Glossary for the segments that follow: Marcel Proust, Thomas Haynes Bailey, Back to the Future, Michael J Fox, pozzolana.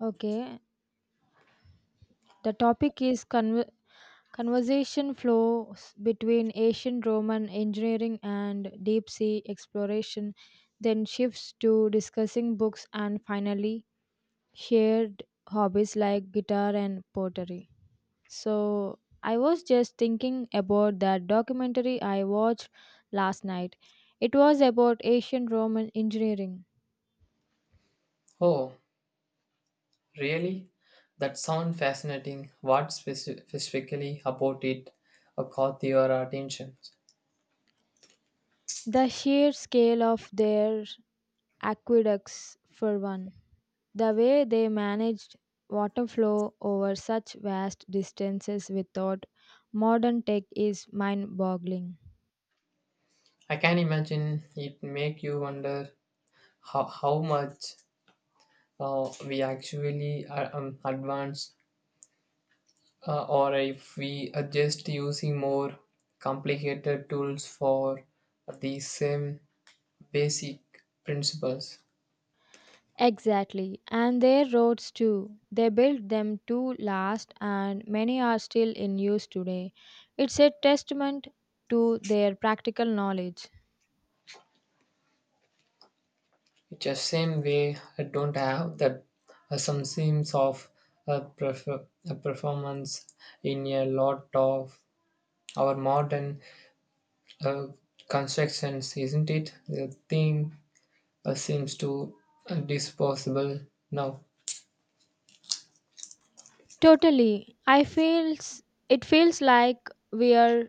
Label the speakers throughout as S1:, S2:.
S1: Okay, the topic is conversation flows between ancient Roman engineering and deep sea exploration, then shifts to discussing books and finally shared hobbies like guitar and pottery. So, I was just thinking about that documentary I watched last night. It was about ancient Roman engineering.
S2: Oh, really? That sounds fascinating. What specifically about it caught your attention?
S1: The sheer scale of their aqueducts, for one. The way they managed water flow over such vast distances without modern tech is mind boggling.
S2: I can imagine it make you wonder how much we actually advance or if we are just using more complicated tools for the same basic principles.
S1: Exactly, and their roads too. They built them to last, and many are still in use today. It's a testament to their practical knowledge.
S2: It's the same way I don't have that some sense of uh, perf- performance in a lot of our modern uh, constructions, isn't it? The thing seems to disposable now.
S1: Totally. I feels It feels like we are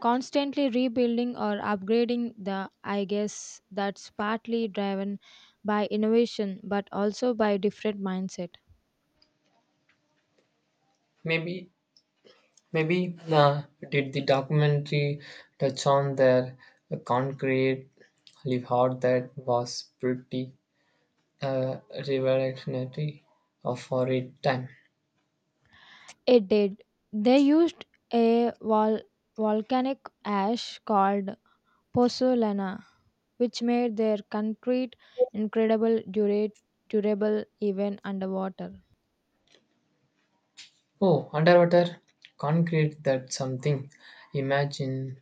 S1: constantly rebuilding or upgrading the, I guess that's partly driven by innovation but also by different mindset.
S2: Maybe, maybe, did the documentary touch on their concrete live out that was pretty uh, revolutionary for its time?
S1: It did. They used a volcanic ash called pozzolana, which made their concrete incredible dura- durable even underwater.
S2: Oh, underwater concrete, that's something. Imagine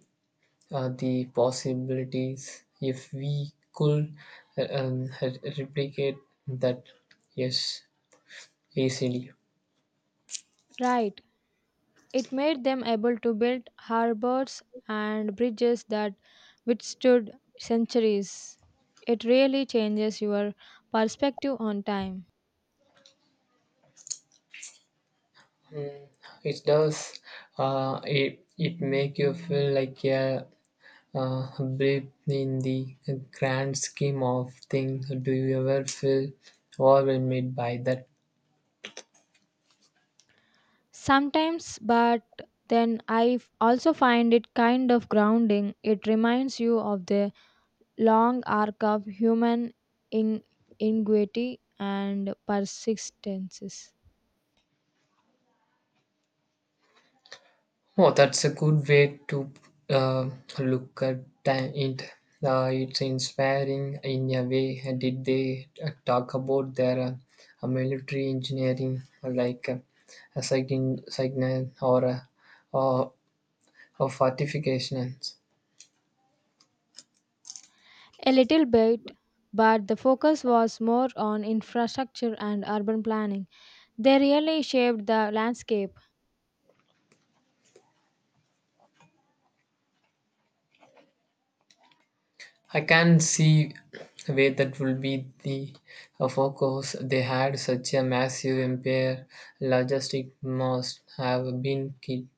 S2: the possibilities if we could replicate that, yes, easily.
S1: Right. It made them able to build harbors and bridges that withstood centuries. It really changes your perspective on time.
S2: Mm, it does. It make you feel like a blip in the grand scheme of things. Do you ever feel overwhelmed by that?
S1: Sometimes, but then also find it kind of grounding. It reminds you of the long arc of human in- ingenuity and persistences.
S2: Oh, that's a good way to uh, look at it. It's inspiring in a way. Did they talk about their military engineering, like a signal or or, or fortifications?
S1: A little bit, but the focus was more on infrastructure and urban planning. They really shaped the landscape.
S2: I can see where that will be the focus. They had such a massive empire. Logistic must have been key.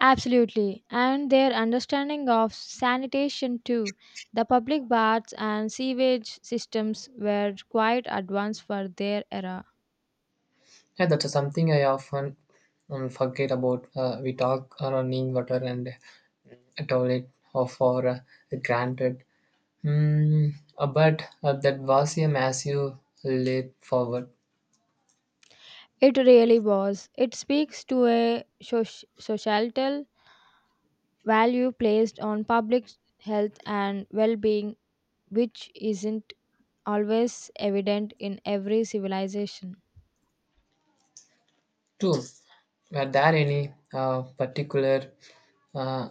S1: Absolutely. And their understanding of sanitation, too. The public baths and sewage systems were quite advanced for their era.
S2: Yeah, that's something I often forget about. We talk running water and a toilet or for granted. But that was a massive leap forward
S1: It really was. It speaks to a societal value placed on public health and well being, which isn't always evident in every civilization.
S2: too. Were there any particular uh,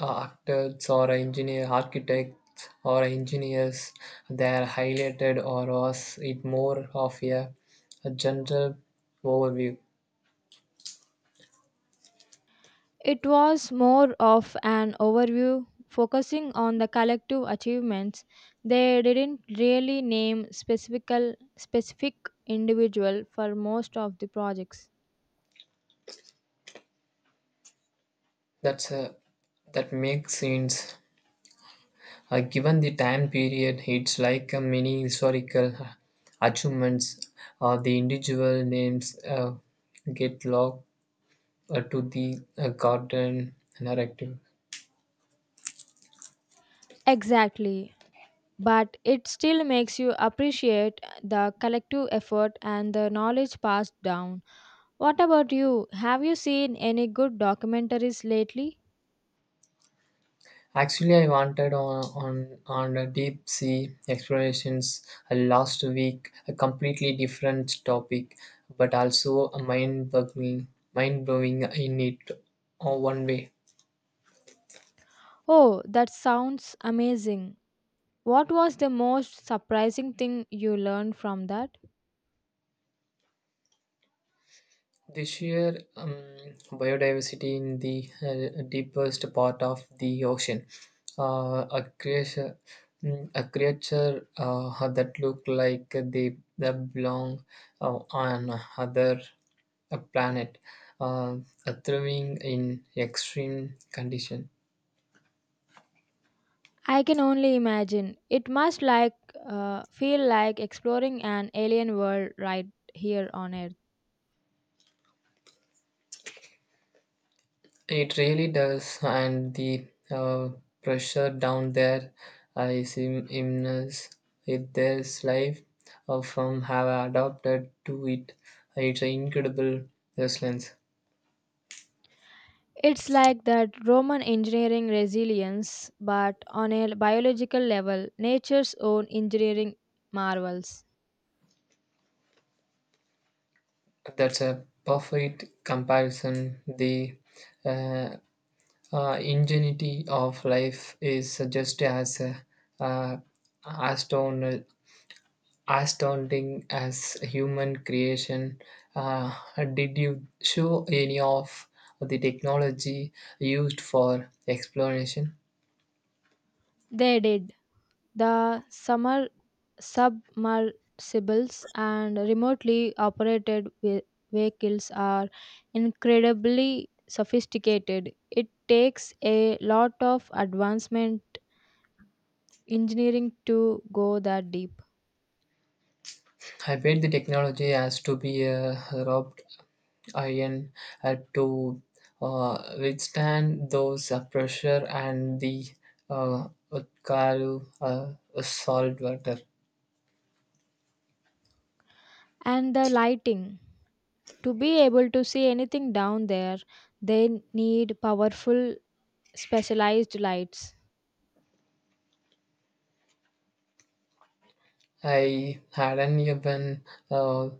S2: actors or engineer, architects or engineers that highlighted, or was it more of a general overview?
S1: It was more of an overview, focusing on the collective achievements. They didn't really name specific individual for most of the projects.
S2: That's a, that makes sense. Given the time period, it's like a mini historical achievements. The individual names get locked to the garden narrative.
S1: Exactly. But it still makes you appreciate the collective effort and the knowledge passed down. What about you? Have you seen any good documentaries lately?
S2: Actually, I wanted on a deep sea explorations last week, a completely different topic, but also a mind boggling, mind blowing in it, one way.
S1: Oh, that sounds amazing. What was the most surprising thing you learned from that?
S2: The sheer biodiversity in the deepest part of the ocean, a creature, a creature that look like they belong on other a planet, uh, thriving in extreme condition.
S1: I can only imagine. It must like feel like exploring an alien world right here on Earth.
S2: It really does, and the pressure down there is immense. If there's life from have adapted to it, it's an incredible resilience.
S1: It's like that Roman engineering resilience, but on a biological level, nature's own engineering marvels.
S2: That's a perfect comparison. The uh, ingenuity of life is just as uh, astounding. Astounding as human creation. Uh, did you show any of the technology used for exploration?
S1: They did. The summer submersibles and remotely operated vehicles are incredibly sophisticated. It takes a lot of advancement engineering to go that deep.
S2: I bet the technology has to be rubbed iron to withstand those pressure and the Utkaru salt water.
S1: And the lighting, to be able to see anything down there, they need powerful specialized lights.
S2: I hadn't even uh, uh,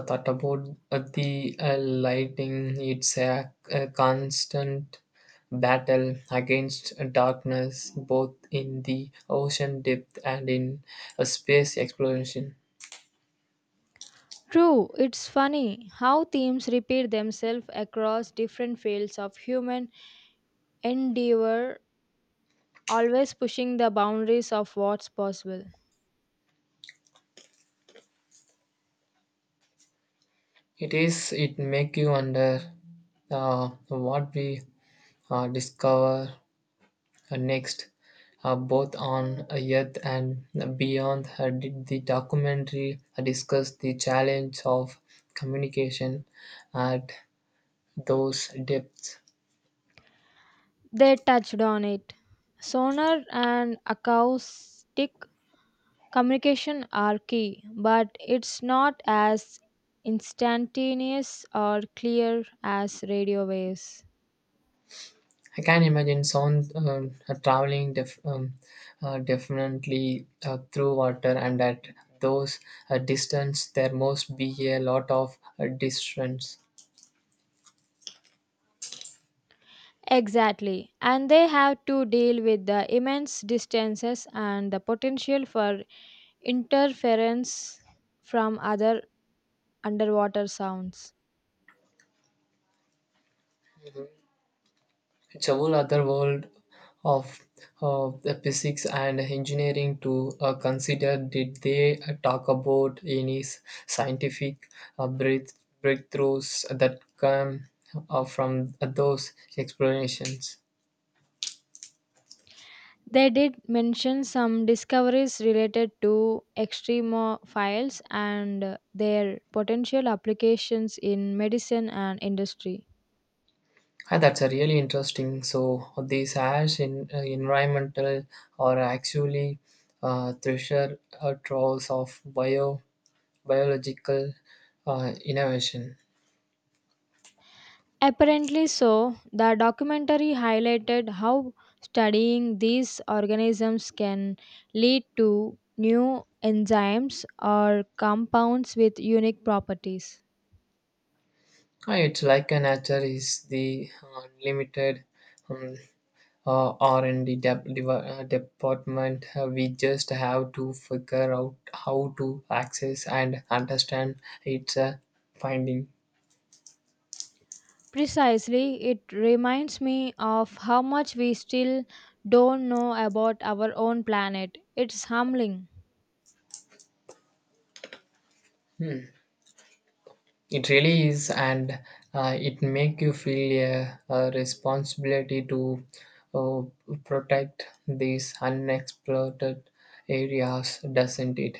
S2: thought about the lighting. It's a constant battle against darkness, both in the ocean depth and in space exploration.
S1: True. It's funny how themes repeat themselves across different fields of human endeavor, always pushing the boundaries of what's possible.
S2: It is. It make you wonder what we discover next, both on Earth and beyond. Uh, did the documentary discuss the challenge of communication at those depths?
S1: They touched on it. Sonar and acoustic Communication are key, but it's not as instantaneous or clear as radio waves.
S2: I can imagine sound traveling definitely through water, and at those distance, there must be a lot of distance.
S1: Exactly. And they have to deal with the immense distances and the potential for interference from other underwater sounds.
S2: It's a whole other world of the physics and engineering to consider. Did they talk about any scientific breakthroughs that come from those explanations?
S1: They did mention some discoveries related to extremophiles and their potential applications in medicine and industry.
S2: Ah, that's a really interesting. So these ash in environmental are actually treasure troves of biological innovation.
S1: Apparently so, the documentary highlighted how studying these organisms can lead to new enzymes or compounds with unique properties.
S2: It's like a nature is the limited um, R&D department. We just have to figure out how to access and understand its finding.
S1: Precisely, it reminds me of how much we still don't know about our own planet. It's humbling.
S2: Hmm. It really is, and it make you feel a responsibility to uh, protect these unexploited areas, doesn't it?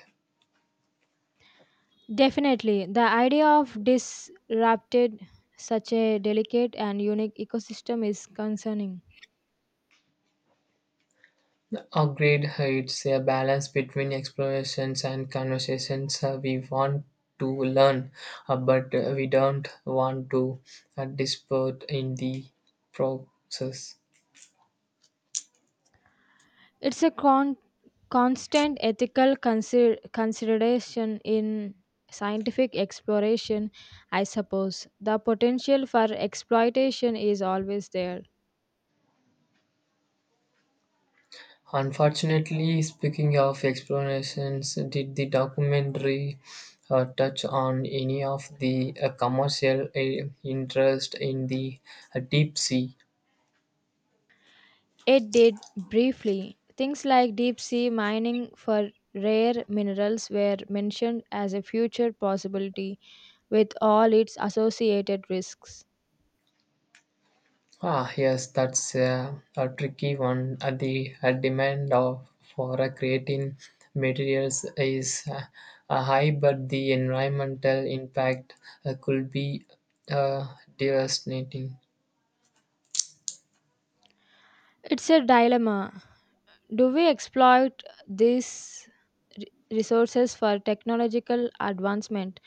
S1: Definitely, the idea of disrupted such a delicate and unique ecosystem is concerning.
S2: Agreed, it's a balance between explorations and conversations. We want to learn, but we don't want to dispute in the process.
S1: It's a con Constant ethical consideration in scientific exploration, I suppose. The potential for exploitation is always there.
S2: Unfortunately, speaking of explorations, did the documentary touch on any of the commercial interest in the deep sea?
S1: It did briefly. Things like deep sea mining for rare minerals were mentioned as a future possibility with all its associated risks.
S2: Ah, yes, that's a tricky one. The demand of for creating materials is high, but the environmental impact could be devastating.
S1: It's a dilemma. Do we exploit these re- resources for technological advancement?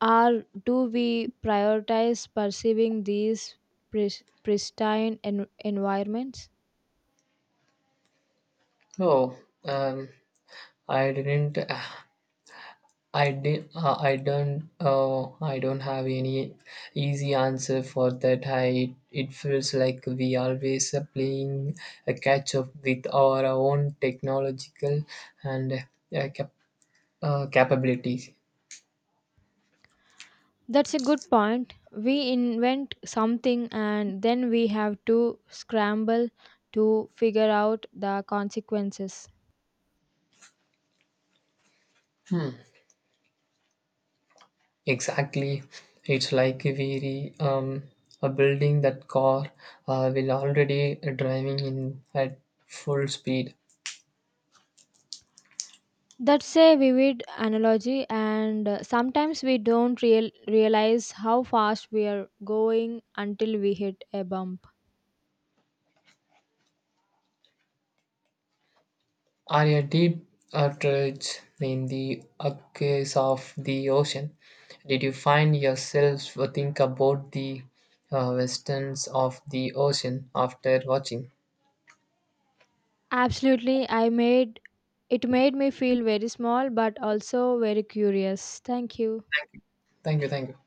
S1: Or do we prioritize perceiving these pristine environments?
S2: Oh, um, I didn't I did. I don't. I don't have any easy answer for that. I. It feels like we always are playing a catch up with our own technological and uh, cap- capabilities.
S1: That's a good point. We invent something and then we have to scramble to figure out the consequences.
S2: Hmm. Exactly. It's like we re, um are building that car. Will already driving in at full speed.
S1: That's a vivid analogy, and sometimes we don't realize how fast we are going until we hit a bump.
S2: Are a deep outrage in the abyss of the ocean. Did you find yourself think about the westerns of the ocean after watching?
S1: Absolutely, I made it made me feel very small but also very curious. Thank you.
S2: Thank you, thank you.